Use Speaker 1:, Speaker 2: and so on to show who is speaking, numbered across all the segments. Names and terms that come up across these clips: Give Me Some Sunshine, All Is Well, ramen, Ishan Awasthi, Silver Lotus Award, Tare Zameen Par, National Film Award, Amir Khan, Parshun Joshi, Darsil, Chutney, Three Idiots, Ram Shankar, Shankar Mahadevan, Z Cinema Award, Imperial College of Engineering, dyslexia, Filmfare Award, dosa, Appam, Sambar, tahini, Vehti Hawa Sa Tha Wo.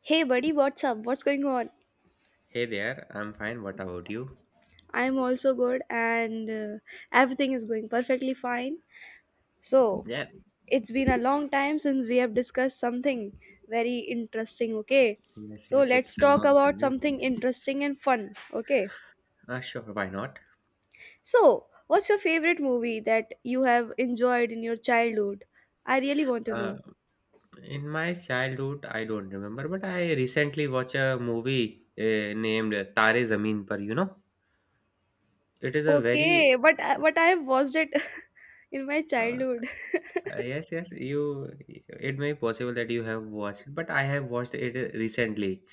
Speaker 1: Hey buddy, what's up? What's going on?
Speaker 2: Hey there, I'm fine. What about you?
Speaker 1: I'm also good, and everything is going perfectly fine. So,
Speaker 2: Yeah,
Speaker 1: it's been a long time since we have discussed something very interesting, okay?
Speaker 2: yes,
Speaker 1: So,
Speaker 2: yes,
Speaker 1: let's
Speaker 2: it's a
Speaker 1: talk
Speaker 2: long
Speaker 1: about
Speaker 2: time.
Speaker 1: something interesting and fun, okay?
Speaker 2: Sure, why not?
Speaker 1: So, what's your favorite movie that you have enjoyed in your childhood? I really want to
Speaker 2: Uh,
Speaker 1: know.
Speaker 2: in my childhood, I don't remember, but I recently watched a movie named Tare Zameen Par, you know? It is a very,
Speaker 1: Okay, but I have watched it in my
Speaker 2: uh,
Speaker 1: childhood.
Speaker 2: yes, yes, it may be possible that you have watched, but I have watched it recently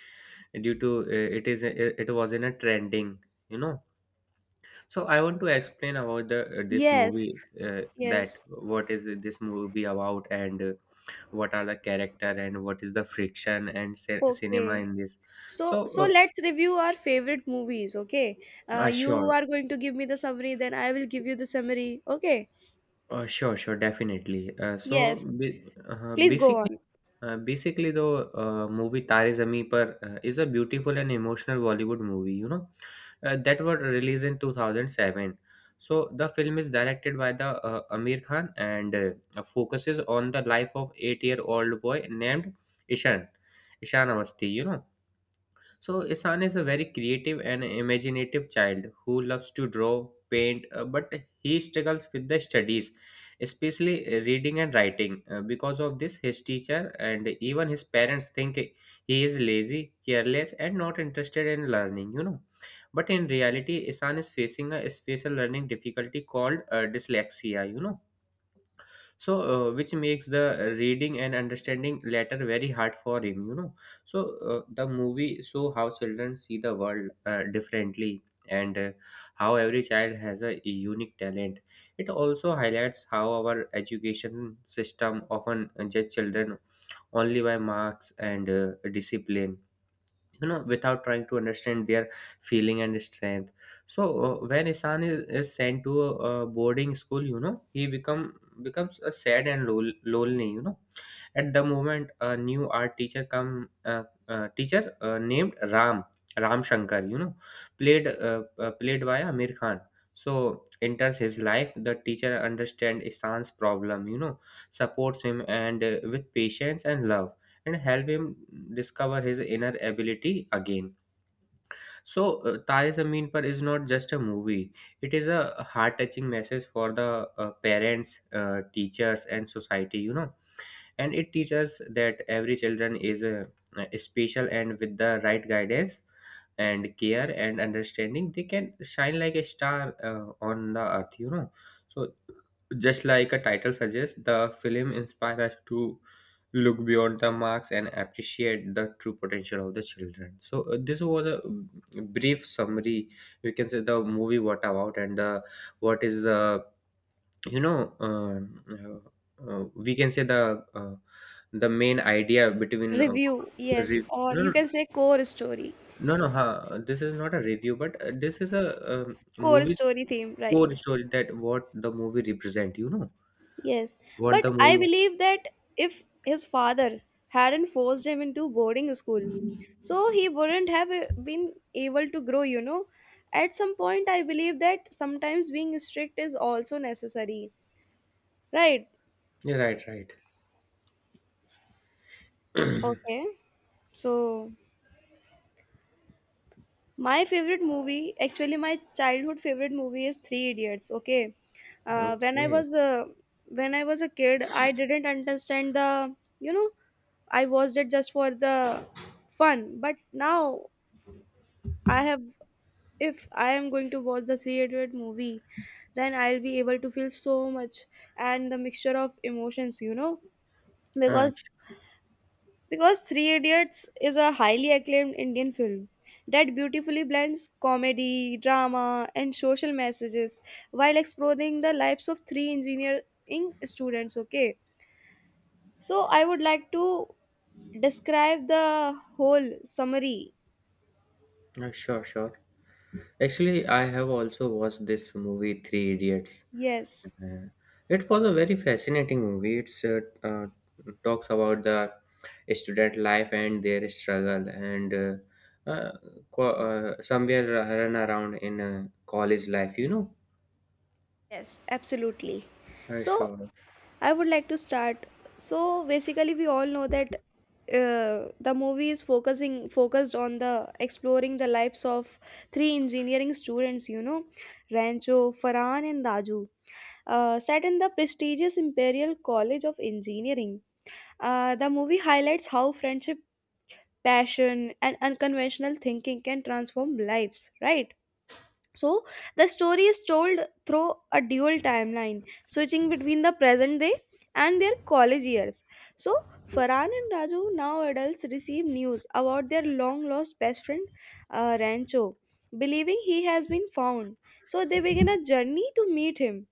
Speaker 2: due to it was in a trending, you know? So I want to explain about the this
Speaker 1: Yes.
Speaker 2: movie that
Speaker 1: Yes.
Speaker 2: what is this movie about, and what are the character, and what is the friction and cinema
Speaker 1: Okay.
Speaker 2: in this.
Speaker 1: So,
Speaker 2: So
Speaker 1: let's review our favorite movies, okay?
Speaker 2: uh, uh,
Speaker 1: You
Speaker 2: sure,
Speaker 1: are going to give me the summary, then I will give you the summary, okay?
Speaker 2: sure, sure, definitely.
Speaker 1: Yes, please go
Speaker 2: Basically.
Speaker 1: on.
Speaker 2: Basically, the movie Tare Zameen Par is a beautiful and emotional Bollywood movie, you know, that was released in 2007. So, the film is directed by the Amir Khan, and focuses on the life of 8-year-old boy named Ishan, Ishan Awasthi, you know. So, Isan is a very creative and imaginative child who loves to draw, paint, but he struggles with the studies, especially reading and writing. Because of this, his teacher and even his parents think he is lazy, careless, and not interested in learning, you know. But in reality, Isan is facing a special learning difficulty called dyslexia, you know, so which makes the reading and understanding later very hard for him, you know. So the movie show how children see the world differently, and how every child has a unique talent. It also highlights how our education system often judge children only by marks and discipline, you know, without trying to understand their feeling and strength. So when Isan is sent to a boarding school, you know, he becomes a sad and lonely, you know. At the moment a new art teacher come teacher named Ram, Ram Shankar, you know, played by Amir Khan. So enters his life. The teacher understand Isan's problem, you know, supports him, and with patience and love, and help him discover his inner ability again. So, Taye Zameen Par is not just a movie, it is a heart touching message for the parents, teachers, and society, you know, and it teaches that every children is special, and with the right guidance and care and understanding, they can shine like a star on the earth, you know. So, just like a title suggests, the film inspires us to look beyond the marks and appreciate the true potential of the children. So this was a brief summary, we can say, the movie what about, and what is the, you know um, we can say uh, the main idea between
Speaker 1: Review, yes,
Speaker 2: re-
Speaker 1: or you
Speaker 2: no,
Speaker 1: can say
Speaker 2: no, no, this is not a review, but this is a, um
Speaker 1: core
Speaker 2: movie
Speaker 1: story theme,
Speaker 2: core
Speaker 1: right?
Speaker 2: story that what the movie represent, you know,
Speaker 1: Yes,
Speaker 2: what the
Speaker 1: but I
Speaker 2: movie.
Speaker 1: believe that if his father hadn't forced him into boarding school, so he wouldn't have been able to grow, you know. At some point, I believe that sometimes being strict is also necessary, right?
Speaker 2: Yeah, right, right.
Speaker 1: Okay. So my favorite movie, actually my childhood favorite movie, is Three Idiots. Okay, uh, when I
Speaker 2: Okay.
Speaker 1: was uh, when I was a kid, I didn't understand the you know I watched it just for the fun. But now I have if I am going to watch the Three Idiot movie, then I'll be able to feel so much and the mixture of emotions, you know,
Speaker 2: uh,
Speaker 1: because
Speaker 2: sh-
Speaker 1: because Three Idiots is a highly acclaimed Indian film that beautifully blends comedy, drama, and social messages while exploring the lives of three engineering students. Okay, so I would like to describe the whole summary.
Speaker 2: sure, sure, actually I have also watched this movie, Three Idiots.
Speaker 1: Yes.
Speaker 2: Uh, It was a very fascinating movie. It's uh, talks about the student life and their struggle, and somewhere run around in college life, you know.
Speaker 1: Yes, absolutely. So,
Speaker 2: Sure.
Speaker 1: I would like to start. So, basically, we all know that the movie is focusing focused on the exploring the lives of three engineering students. You know, Rancho, Farhan, and Raju. Set in the prestigious Imperial College of Engineering. The movie highlights how friendship, passion, and unconventional thinking can transform lives. Right. So the story is told through a dual timeline, switching between the present day and their college years. So Farhan and Raju, now adults, receive news about their long lost best friend Rancho, believing he has been found. So they begin a journey to meet him,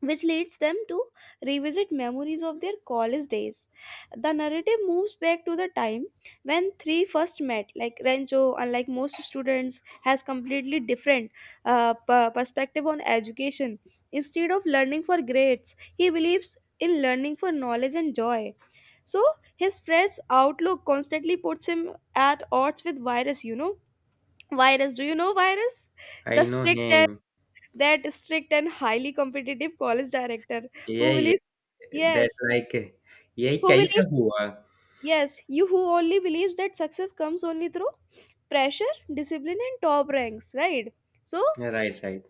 Speaker 1: which leads them to revisit memories of their college days. The narrative moves back to the time when three first met. Like Renzo, unlike most students, has completely different perspective on education. Instead of learning for grades, he believes in learning for knowledge and joy. So his fresh outlook constantly puts him at odds with Virus. You know, Virus. Do you know Virus?
Speaker 2: I
Speaker 1: The
Speaker 2: know
Speaker 1: strict,
Speaker 2: him.
Speaker 1: that strict and highly competitive college director
Speaker 2: Yeah,
Speaker 1: who
Speaker 2: yeah.
Speaker 1: believes,
Speaker 2: That
Speaker 1: yes,
Speaker 2: like, yeah,
Speaker 1: who
Speaker 2: kaisa
Speaker 1: believes
Speaker 2: hua?
Speaker 1: yes you who only believes that success comes only through pressure, discipline, and top ranks, right? So
Speaker 2: Yeah, right, right.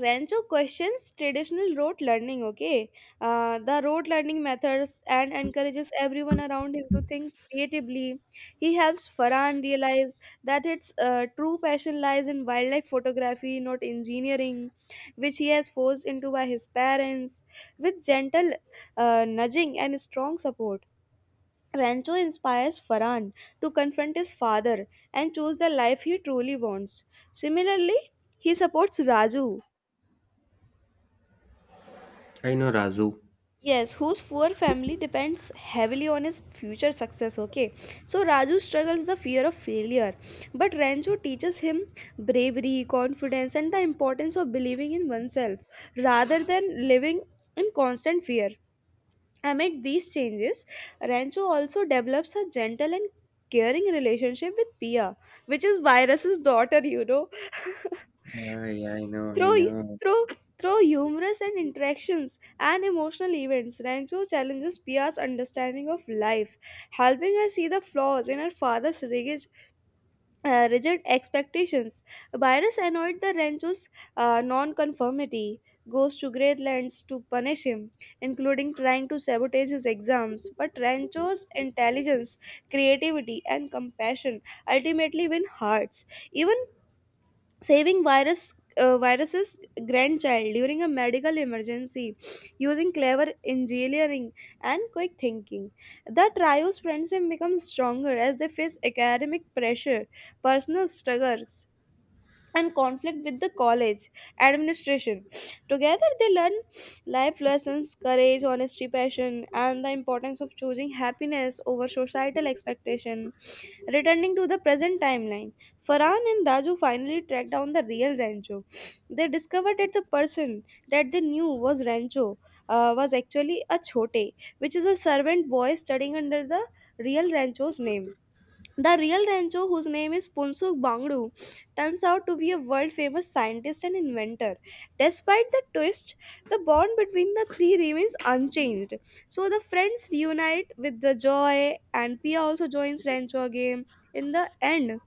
Speaker 1: Rancho questions traditional rote learning, okay? The rote learning methods, and encourages everyone around him to think creatively. He helps Farhan realize that its true passion lies in wildlife photography, not engineering, which he has forced into by his parents. With gentle nudging and strong support, Rancho inspires Farhan to confront his father and choose the life he truly wants. Similarly, he supports Raju,
Speaker 2: I know Razu.
Speaker 1: yes, whose poor family depends heavily on his future success. Okay, so Raju struggles the fear of failure, but Ranju teaches him bravery, confidence, and the importance of believing in oneself rather than living in constant fear. Amid these changes, Rancho also develops a gentle and caring relationship with Pia, which is Virus's daughter, you know.
Speaker 2: Yeah, yeah, I know, I
Speaker 1: Through
Speaker 2: know.
Speaker 1: through through humorous and interactions and emotional events, Rancho challenges Pia's understanding of life, helping her see the flaws in her father's rigid expectations. Byrus annoyed the Rancho's non-conformity, goes to great lengths to punish him, including trying to sabotage his exams. But Rancho's intelligence, creativity, and compassion ultimately win hearts. Even saving virus's grandchild during a medical emergency using clever engineering and quick thinking. The trio's friendship becomes stronger as they face academic pressure, personal struggles, and conflict with the college administration. Together, they learn life lessons, courage, honesty, passion, and the importance of choosing happiness over societal expectation. Returning to the present timeline, Farhan and Raju finally track down the real Rancho. They discovered that the person that they knew was Rancho was actually a Chote, which is a servant boy studying under the real Rancho's name. The real Rancho, whose name is Punsuk Bangdu, turns out to be a world famous scientist and inventor. Despite the twist, the bond between the three remains unchanged. So the friends reunite with the joy, and Pia also joins Rancho again in the end.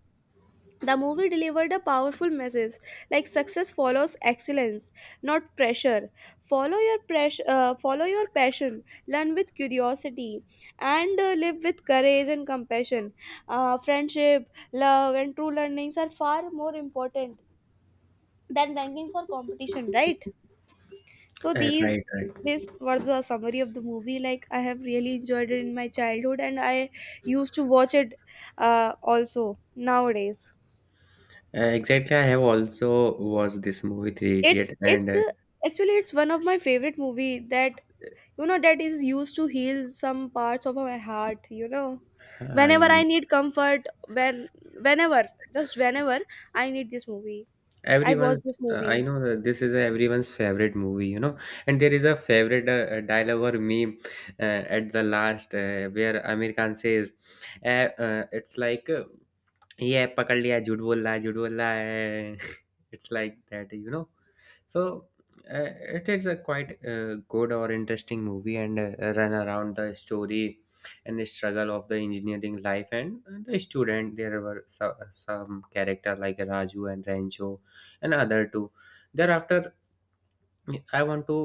Speaker 1: The movie delivered a powerful message like success follows excellence, not pressure. Follow your passion, learn with curiosity, and live with courage and compassion. Friendship, love, and true learnings are far more important than ranking for competition, right? So these
Speaker 2: Right, right.
Speaker 1: This was a summary of the movie. Like, I have really enjoyed it in my childhood, and I used to watch it also nowadays.
Speaker 2: Exactly. I have also watched this movie, Three Idiot, and
Speaker 1: It's Actually, it's one of my favorite movie that, you know, that is used to heal some parts of my heart, you know, whenever
Speaker 2: I.
Speaker 1: I need comfort, whenever I need this movie, I watch
Speaker 2: Everyone's,
Speaker 1: this
Speaker 2: I
Speaker 1: movie.
Speaker 2: know that this is everyone's favorite movie, you know, and there is a favorite dialogue or meme at the last, where Amir Khan says, "It's like." Yeah, पकड़ लिया झूठ बोल रहा है झूठ बोल रहा है it's like that, you know. So uh, it is a quite good or interesting movie, and run around the story and the struggle of the engineering life and the student, there were so, some character like Raju and Rancho and other two. Thereafter I want to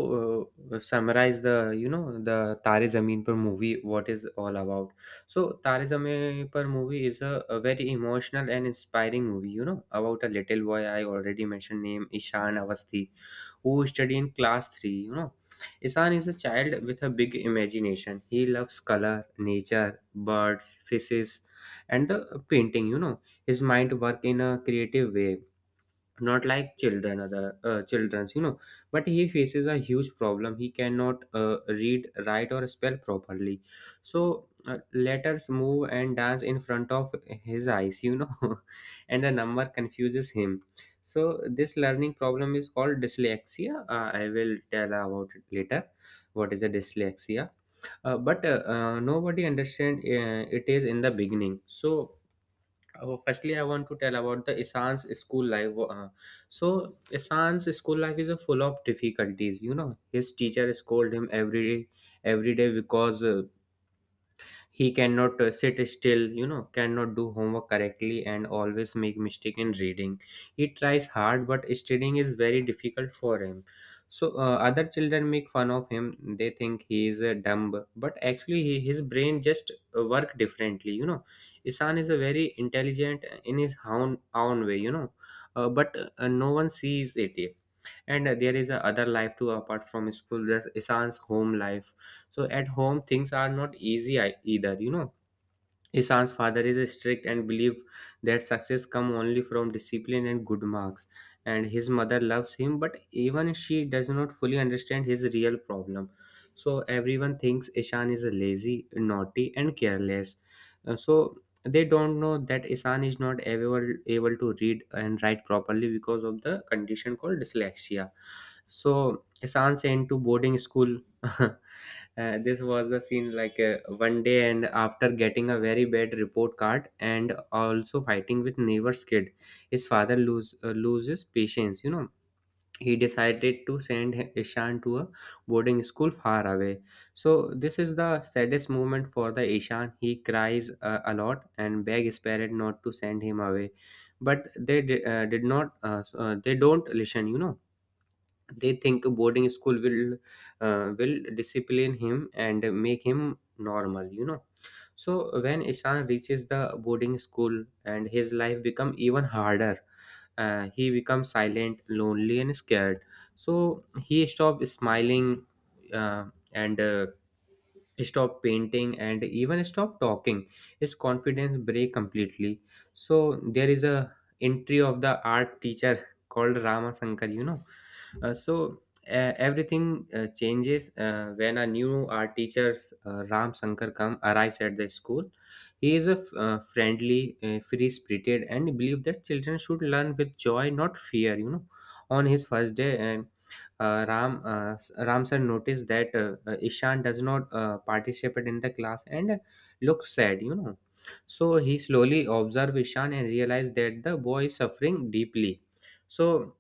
Speaker 2: summarize the the Tare Zameen Par movie, what is all about. So Tare Zameen Par movie is a very emotional and inspiring movie. You know, about a little boy I already mentioned, name Ishan Avasthi, who study in class three. You know, Ishan is a child with a big imagination. He loves color, nature, birds, fishes, and the painting. You know, his mind work in a creative way, not like children other children's, you know. But he faces a huge problem. He cannot read, write, or spell properly. So letters move and dance in front of his eyes, you know, and the number confuses him. So this learning problem is called dyslexia. I will tell about it later, what is a dyslexia. But nobody understand, it is in the beginning. So Oh, firstly, I want to tell about the Isan's school life. So, Isan's school life is full of difficulties. You know, his teacher scold him every day, because he cannot sit still, you know, cannot do homework correctly, and always make mistake in reading. He tries hard, but studying is very difficult for him. So other children make fun of him, they think he is a dumb, but actually his brain just work differently, you know. Isan is a very intelligent, in his own way, you know. But no one sees it. And there is a other life too, apart from school, there's Isan's home life. So at home things are not easy, either, you know. Ishan's father is strict and believes that success comes only from discipline and good marks. And his mother loves him, but even she does not fully understand his real problem. So everyone thinks Ishan is lazy, naughty, and careless. So they don't know that Ishan is not able to read and write properly because of the condition called dyslexia. So Ishan's sent to boarding school. This was the scene like, one day, and after getting a very bad report card, and also fighting with neighbor's kid, his father loses patience, you know. He decided to send Ishan to a boarding school far away. So this is the saddest moment for the Ishan. He cries a lot, and beg his parent not to send him away. But they di- did not s- they don't listen, you know. They think a boarding school will discipline him and make him normal, you know. So when Ishan reaches the boarding school, and his life become even harder, he becomes silent, lonely, and scared. So he stop smiling, uh, and stop painting, and even stop talking. His confidence break completely. So there is a entry of the art teacher called Rama Shankar, you know. So, everything changes when a new art teacher, Ram Shankar, come arrives at the school. He is a friendly, free-spirited, and believe that children should learn with joy, not fear, you know. On his first day, and Ram sir noticed that Ishan does not participate in the class and looks sad, you know. So he slowly observed Ishan and realized that the boy is suffering deeply. So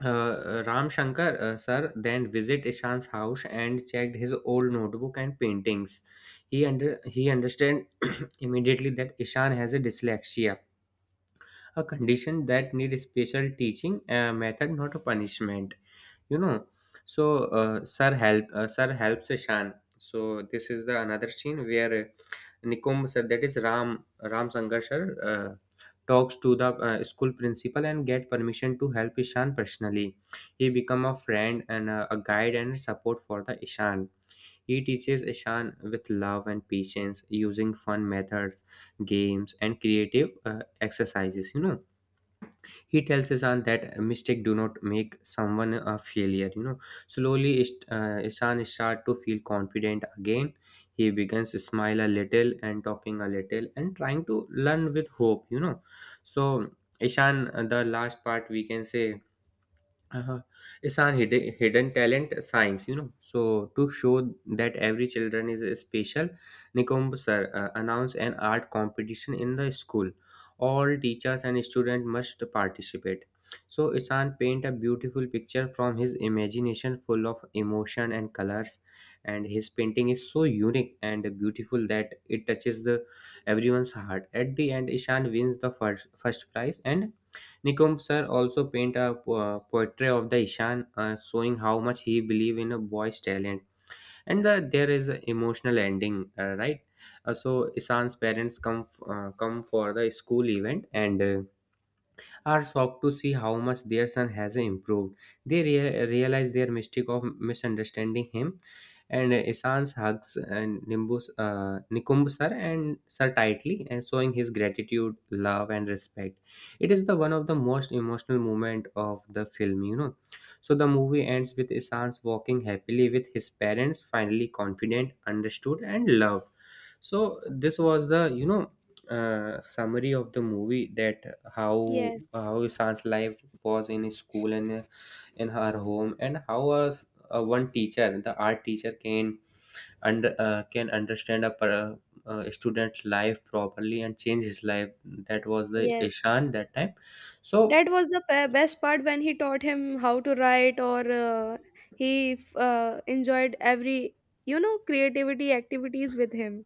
Speaker 2: Ram Shankar sir then visit Ishan's house and checked his old notebook and paintings. He understand immediately that Ishan has a dyslexia, a condition that need special teaching method, not a punishment you know so sir helps shan. So this is the another scene where nikom sir, that is ram, ram sangarshar, uh, talks to the school principal and get permission to help ishan personally. He become a friend and a guide and support for the ishan. He teaches ishan with love and patience using fun methods, games and creative exercises. He tells isan that mistake do not make someone a failure you know Slowly isan start to feel confident again. He begins to smile a little and talking a little and trying to learn with hope. So ishan, the last part we can say, uh, it's our hidden talent science. So to show that every children is special, nikombo sir announced an art competition in the school. All teachers and students must participate. So isan paint a beautiful picture from his imagination, full of emotion and colors, and his painting is so unique and beautiful that it touches the everyone's heart. At the end, ishan wins the first prize, and Nicombsar also paint a portrait of the Ishan, showing how much he believed in a boy's talent. And the, there is an emotional ending, right? So Ishan's parents come for the school event, and are shocked to see how much their son has improved. They realize their mistake of misunderstanding him, and Isan's hugs and Nikumb sir and sir tightly, and showing his gratitude, love, and respect. It is the one of the most emotional moment of the film, you know. So the movie ends with Isan's walking happily with his parents, finally confident, understood, and loved. So this was the summary of the movie, that how
Speaker 1: Yes,
Speaker 2: how Ishan's life was in his school and in her home, and how a one teacher, the art teacher, can under can understand a student life properly and change his life. That was the
Speaker 1: yes.
Speaker 2: Ishan that time. So
Speaker 1: That was the best part when he taught him how to write, enjoyed every, you know, creativity activities with him.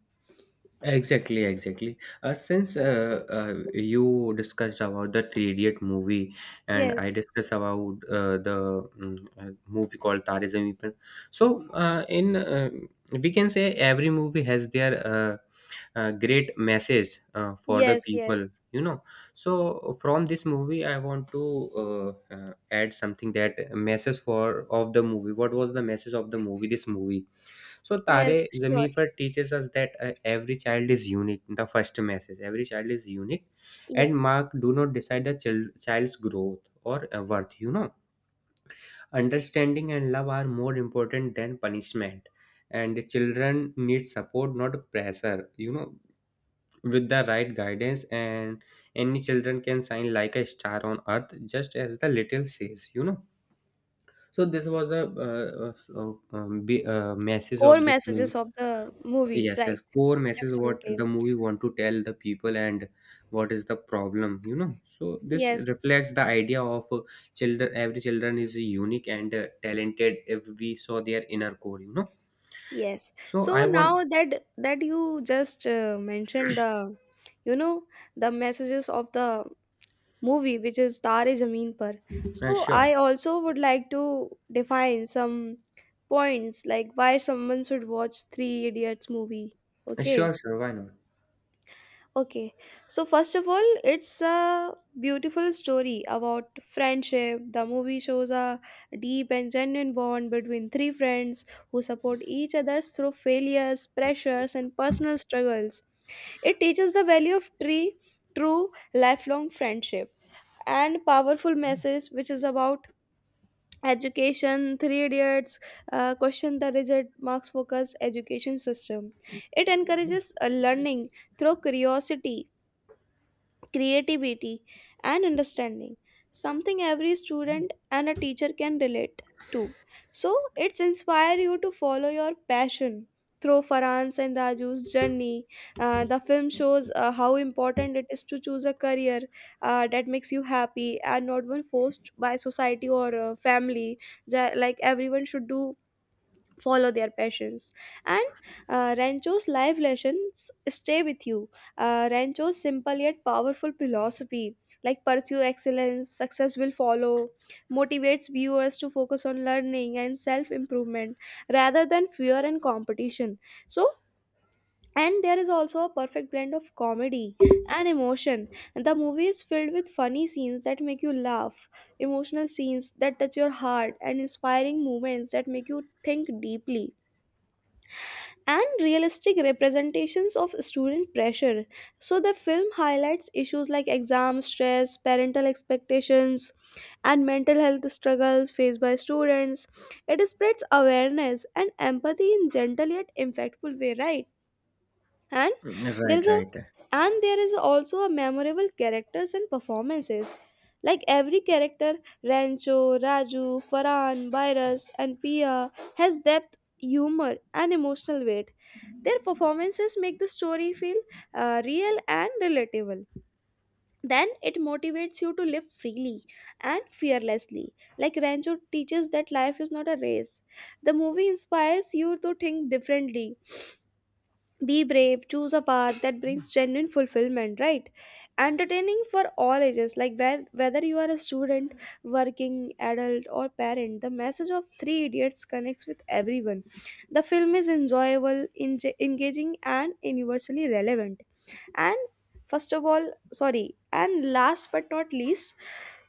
Speaker 2: exactly, exactly. Since you discussed about the Three Idiot movie, and I
Speaker 1: Yes.
Speaker 2: discussed about the movie called Tare Zameen Par. So, in we can say every movie has their great message for the
Speaker 1: Yes.
Speaker 2: people,
Speaker 1: Yes.
Speaker 2: you know. So from this movie, I want to add something, that message for of the movie. What was the message of the movie? This movie. So
Speaker 1: Yes,
Speaker 2: Tare
Speaker 1: sure.
Speaker 2: Zameen Par teaches us that every child is unique. The first message: every child is unique, and mark do not decide the child, child's growth or worth, you know. Understanding and love are more important than punishment, and the children need support, not pressure, you know. With the right guidance, and any children can shine like a star on earth, just as the little says, you know. So this was a message
Speaker 1: Core
Speaker 2: of this movie.
Speaker 1: messages of the movie,
Speaker 2: Yes,
Speaker 1: right?
Speaker 2: yes, core message what
Speaker 1: Absolutely.
Speaker 2: the movie want to tell the people, and what is the problem, you know. So this
Speaker 1: Yes,
Speaker 2: reflects the idea of children. Every children is unique and talented if we saw their inner core, you know.
Speaker 1: yes.
Speaker 2: So
Speaker 1: So
Speaker 2: I want,
Speaker 1: now that you just mentioned the, you know, the messages of the movie, which is Tare Zameen Par, so
Speaker 2: sure.
Speaker 1: I also would like to define some points like why someone should watch Three Idiots movie, okay?
Speaker 2: Sure, sure, why not?
Speaker 1: Okay, so first of all, it's a beautiful story about friendship. The movie shows a deep and genuine bond between three friends who support each other through failures, pressures, and personal struggles. It teaches the value of tree, true lifelong friendship and powerful message, which is about education. Three idiots question the rigid marks focused education system. It encourages learning through curiosity, creativity, and understanding, something every student and a teacher can relate to. So it's inspire you to follow your passion. Through Farhan's and Raju's journey, the film shows how important it is to choose a career that makes you happy and not one forced by society or family. Like everyone should do, follow their passions, and rancho's life lessons stay with you. Rancho's simple yet powerful philosophy, like pursue excellence, success will follow, motivates viewers to focus on learning and self improvement rather than fear and competition. So and there is also a perfect blend of comedy and emotion. The movie is filled with funny scenes that make you laugh, emotional scenes that touch your heart, and inspiring moments that make you think deeply, and realistic representations of student pressure. So, the film highlights issues like exam stress, parental expectations, and mental health struggles faced by students. It spreads awareness and empathy in gentle yet impactful way, right? And
Speaker 2: Mm,
Speaker 1: there is
Speaker 2: right,
Speaker 1: a
Speaker 2: right.
Speaker 1: and there is also a memorable characters and performances. Like every character, Rancho, Raju, Farhan, Virus, and Pia has depth, humor, and emotional weight. Their performances make the story feel real and relatable. Then it motivates you to live freely and fearlessly. Like Rancho teaches that life is not a race. The movie inspires you to think differently, be brave, choose a path that brings genuine fulfillment, right? Entertaining for all ages, like whether you are a student, working adult, or parent, the message of three idiots connects with everyone. The film is enjoyable, engaging, and universally relevant. And first of all sorry and last but not least,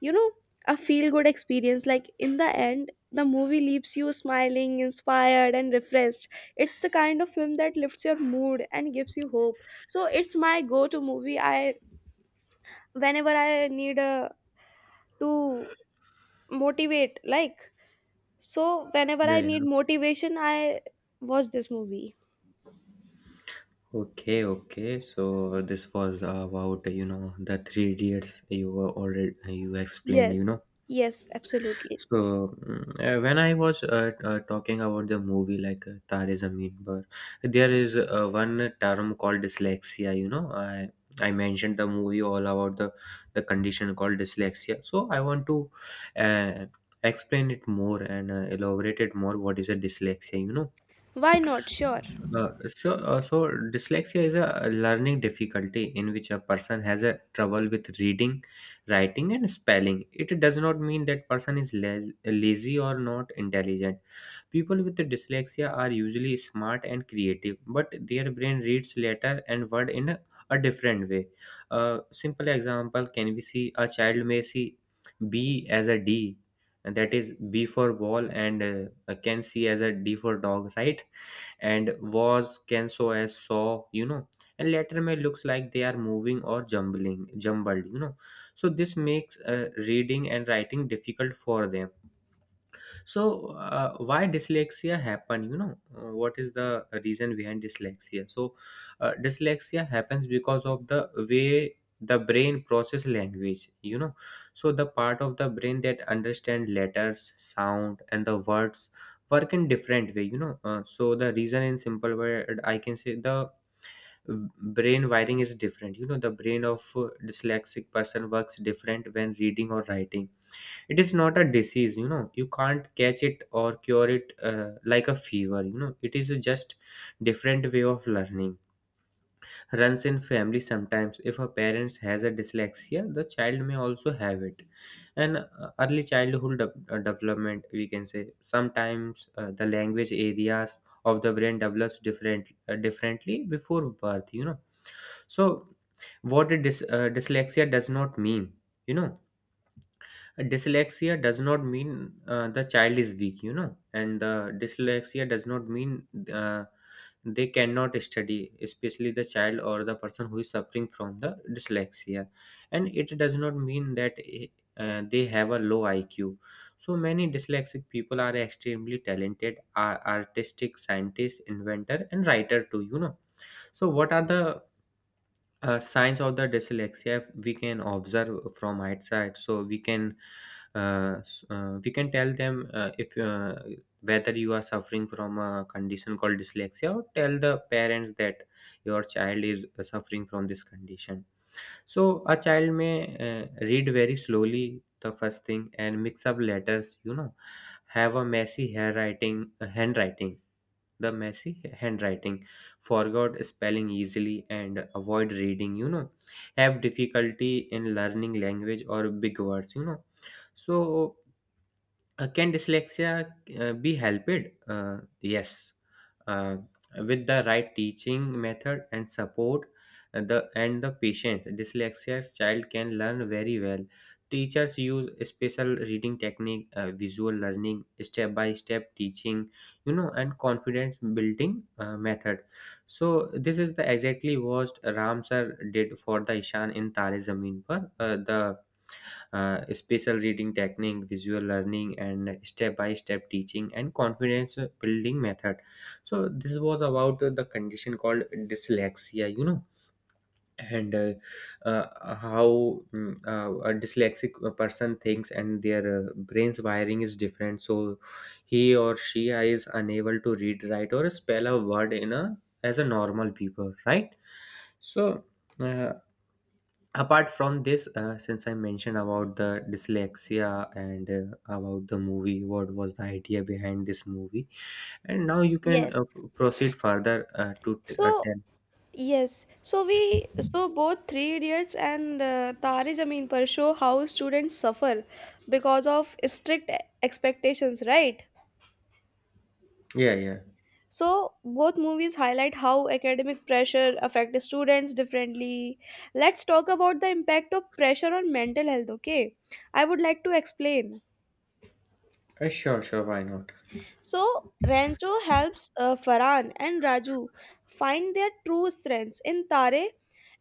Speaker 1: you know, a feel good experience, like in the end, the movie leaves you smiling, inspired, and refreshed. It's the kind of film that lifts your mood and gives you hope. So it's my go to movie. I whenever I need a to motivate like so Whenever
Speaker 2: Yeah,
Speaker 1: I need
Speaker 2: yeah.
Speaker 1: motivation, I watch this movie.
Speaker 2: Okay, okay. So this was about, you know, the three idiots, you were already, you explained, you
Speaker 1: Yes,
Speaker 2: know.
Speaker 1: yes, absolutely.
Speaker 2: So when I was talking about the movie like Tare Zameen Par, there is one term called dyslexia. You know, I mentioned the movie all about the condition called dyslexia. So I want to uh, explain it more and elaborate it more. What is a dyslexia? You know,
Speaker 1: Why not? Sure,
Speaker 2: uh, so dyslexia is a learning difficulty in which a person has a trouble with reading, writing, and spelling. It does not mean that person is lazy or not intelligent. People with dyslexia are usually smart and creative, but their brain reads letter and word in a different way. A simple example, can we see a child may see B as a D, and that is B for ball, and can see as a D for dog, right? And was can so as saw, you know, and letter may looks like they are moving or jumbling jumbled, you know. So this makes reading and writing difficult for them. So why dyslexia happen, you know? What is the reason behind dyslexia? So dyslexia happens because of the way the brain process language, you know. So the part of the brain that understand letters sound and the words work in different way, you know. So the reason in simple word I can say, the brain wiring is different, you know. The brain of dyslexic person works different when reading or writing. It is not a disease, you know. You can't catch it or cure it like a fever, you know. It is a just different way of learning. Runs in family, sometimes if a parents has a dyslexia, the child may also have it. And early childhood development we can say, sometimes the language areas of the brain develops differently before birth, you know. So what a dyslexia does not mean, you know. Dyslexia does not mean the child is weak, you know. And the dyslexia does not mean uh, they cannot study, especially the child or the person who is suffering from the dyslexia. And it does not mean that they have a low iq. So many dyslexic people are extremely talented, are artistic, scientists, inventor and writer too, you know. So what are the signs of the dyslexia we can observe from outside? So we can we can tell them if whether you are suffering from a condition called dyslexia, or tell the parents that your child is suffering from this condition. So a child may read very slowly, the first thing, and mix up letters, you know. Have a messy handwriting handwriting, the messy handwriting, forgot spelling easily, and avoid reading, you know, have difficulty in learning language or big words, you know. So can dyslexia be helped? Yes, uh, with the right teaching method and support, the and the patience, dyslexia's child can learn very well. Teachers use special reading technique, visual learning, step by step teaching, you know, and confidence building method. So this is the exactly what Ram sir did for the Ishan in Tare Zameen Par. The spatial reading technique, visual learning, and step by step teaching and confidence building method. So, this was about the condition called dyslexia, you know. And how a dyslexic person thinks and their brain's wiring is different. So he or she is unable to read, write, or spell a word in a as a normal people, right? So uh, apart from this, since I mentioned about the dyslexia and about the movie, what was the idea behind this movie, and now you can
Speaker 1: yes.
Speaker 2: proceed further uh, to t-
Speaker 1: so
Speaker 2: uh, tell.
Speaker 1: Yes, so we so both Three Idiots and Tare Zameen Par show how students suffer because of strict expectations, right?
Speaker 2: Yeah, yeah.
Speaker 1: So both movies highlight how academic pressure affects students differently. Let's talk about the impact of pressure on mental health, okay? I would like to explain.
Speaker 2: Sure, sure, why not?
Speaker 1: So Rancho helps Farhan and Raju find their true strengths in Tare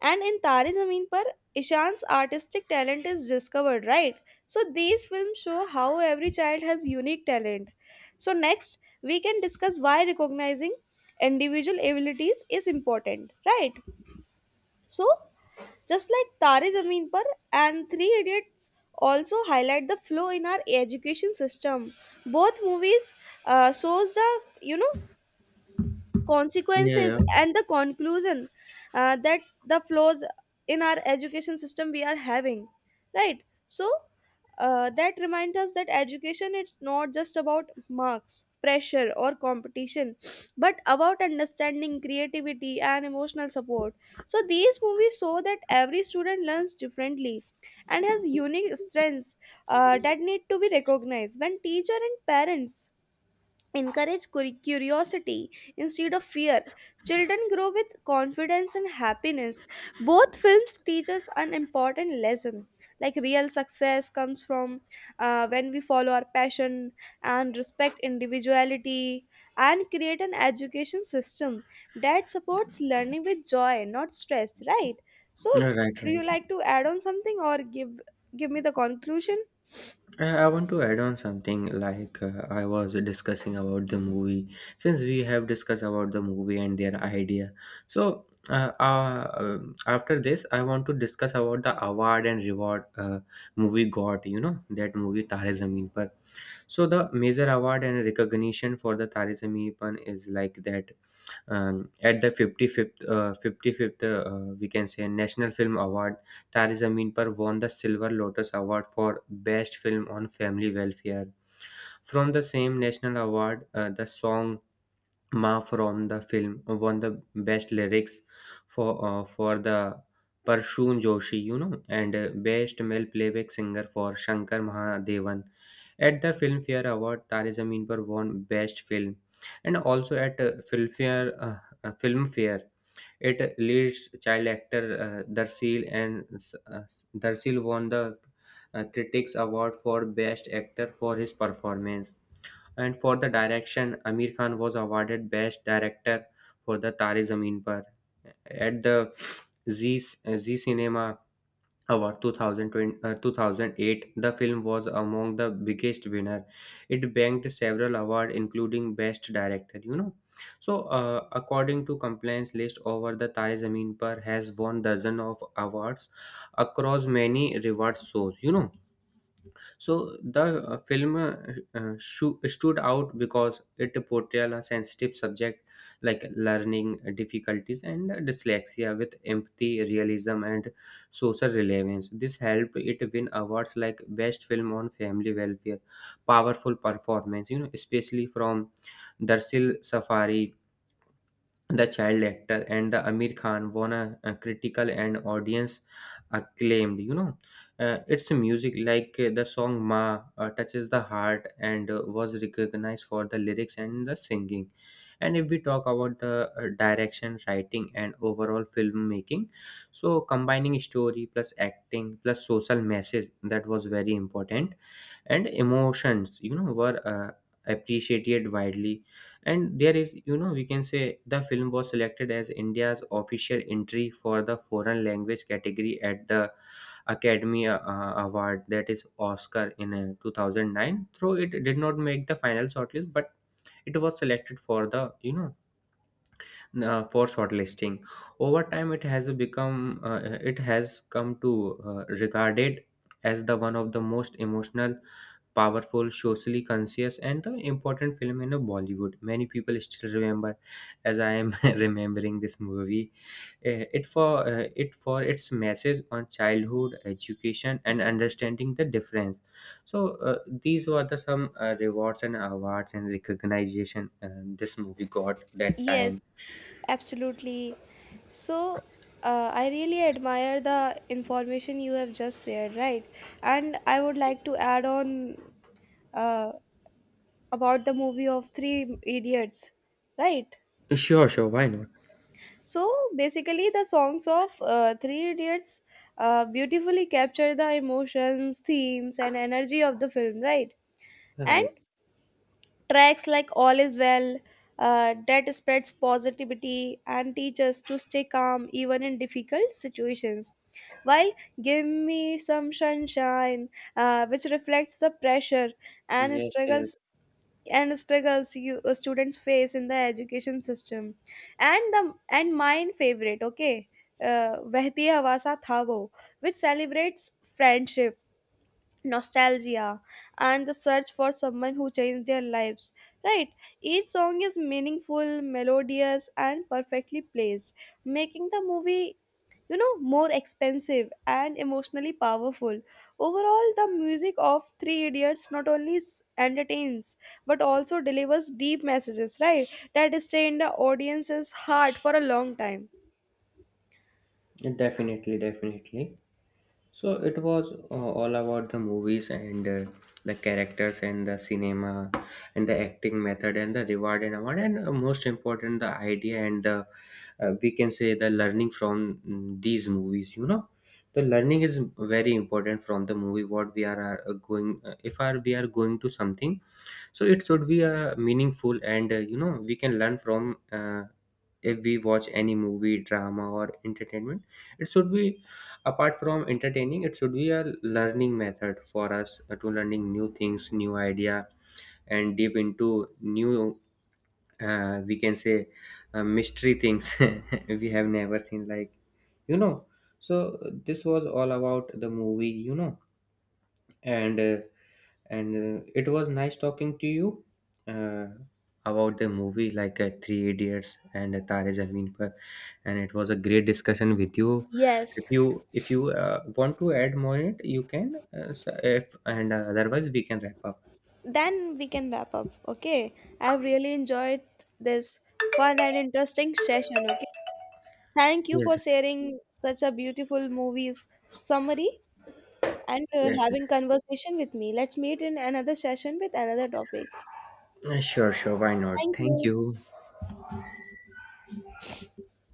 Speaker 1: and in Tare Zameen Par, Ishan's artistic talent is discovered, right? So these films show how every child has unique talent. So next we can discuss why recognizing individual abilities is important, right? So, just like Tare Zameen Par and Three Idiots also highlight the flaw in our education system. Both movies shows the, you know,
Speaker 2: Yeah,
Speaker 1: consequences
Speaker 2: yeah.
Speaker 1: and the conclusion, that the flaws in our education system we are having, right? So that reminds us that education, it's not just about marks, pressure, or competition, but about understanding, creativity, and emotional support. So these movies show that every student learns differently and has unique strengths that need to be recognized. When teacher and parents encourage curiosity instead of fear, children grow with confidence and happiness. Both films teach us an important lesson, like real success comes from when we follow our passion and respect individuality, and create an education system that supports learning with joy, not stress, right? So
Speaker 2: Yeah, right,
Speaker 1: do
Speaker 2: right.
Speaker 1: you like to add on something or give me the conclusion?
Speaker 2: I want to add on something like I was discussing about the movie. Since we have discussed about the movie and their idea, so after this, I want to discuss about the award and reward movie got. You know that movie Tare Zameen Par. So the major award and recognition for the Tare Zameen Par is like that, at the 55th we can say National Film Award, Tariz Amin Par won the Silver Lotus Award for Best Film on Family Welfare. From the same national award, the song Ma from the film won the best lyrics for the Parshun Joshi, you know, and best male playback singer for Shankar Mahadevan. At the Filmfare Award, Tare Zameen Par won best film, and also at Filmfare, it leads child actor uh, Darsil and uh, Darsil won the Critics Award for Best Actor for his performance. And for the direction, Amir Khan was awarded Best Director for the Tare Zameen Par at the Z Z Cinema Award 2008. The film was among the biggest winner. It banked several awards, including Best Director, you know. So according to complaints list, over the Tare Zameen Par has won dozen of awards across many reward shows, you know. So the film stood out because it portrayed a sensitive subject like learning difficulties and dyslexia with empathy, realism, and social relevance. This helped it win awards like Best Film on Family Welfare, powerful performance, you know, especially from Darsil Safari the Child Actor, and the Amir Khan won a critical and audience acclaimed, you know. Its music, like the song "Ma," touches the heart and was recognized for the lyrics and the singing. And if we talk about the direction, writing, and overall filmmaking, so combining story plus acting plus social message, that was very important, and emotions, you know, were appreciated widely. And there is, you know, we can say the film was selected as india's official entry for the foreign language category at the academy award, that is oscar, in 2009, though it did not make the final shortlist, but it was selected for the, you know, for shortlisting. Over time it has become it has come to regarded as the one of the most emotional, powerful, socially conscious, and the important film in Bollywood. Many people still remember, as I am remembering this movie, eh, it for its message on childhood, education, and understanding the difference. So these were the some rewards and awards and recognition, this movie got that
Speaker 1: Yes,
Speaker 2: time.
Speaker 1: absolutely. So, I really admire the information you have just shared, right? And I would like to add on uh, about the movie of Three Idiots, right?
Speaker 2: Sure, sure, why not?
Speaker 1: So, basically, the songs of Three Idiots beautifully capture the emotions, themes, and energy of the film, right? And
Speaker 2: Right.
Speaker 1: tracks like All Is Well, that spreads positivity and teaches to stay calm even in difficult situations. While Give Me Some Sunshine, which reflects the pressure and
Speaker 2: Yes, yes,
Speaker 1: struggles and struggles you, students face in the education system, and mine favorite, okay, Vehti Hawa Sa Tha Wo, which celebrates friendship, nostalgia, and the search for someone who changed their lives, right? Each song is meaningful, melodious, and perfectly placed, making the movie, you know, more expensive and emotionally powerful. Overall, the music of three idiots not only entertains but also delivers deep messages, right, that stay in the audience's heart for a long time.
Speaker 2: definitely, definitely. So it was all about the movies and the characters and the cinema and the acting method and the reward and award, and most important the idea and the we can say the learning from these movies, you know. The learning is very important from the movie. What we are going if are we are going to something, so it should be meaningful and you know, we can learn from. If we watch any movie, drama or entertainment, it should be, apart from entertaining, it should be a learning method for us to learning new things, new idea, and deep into new, we can say mystery things we have never seen like, you know. So this was all about the movie, you know. And it was nice talking to you uh, about the movie like Three Idiots and Tare Zameen Par, and it was a great discussion with you. If
Speaker 1: Yes,
Speaker 2: you if you uh, want to add more in it, you can. If, and otherwise, we can wrap up.
Speaker 1: then we can wrap up. Okay, I've really enjoyed this fun and interesting session. Okay, thank you for
Speaker 2: Yes,
Speaker 1: sharing such a beautiful movies summary, and
Speaker 2: yes, yes.
Speaker 1: having conversation with me. Let's meet in another session with another topic.
Speaker 2: Sure, sure, why not?
Speaker 1: Thank
Speaker 2: Thank
Speaker 1: you.
Speaker 2: you.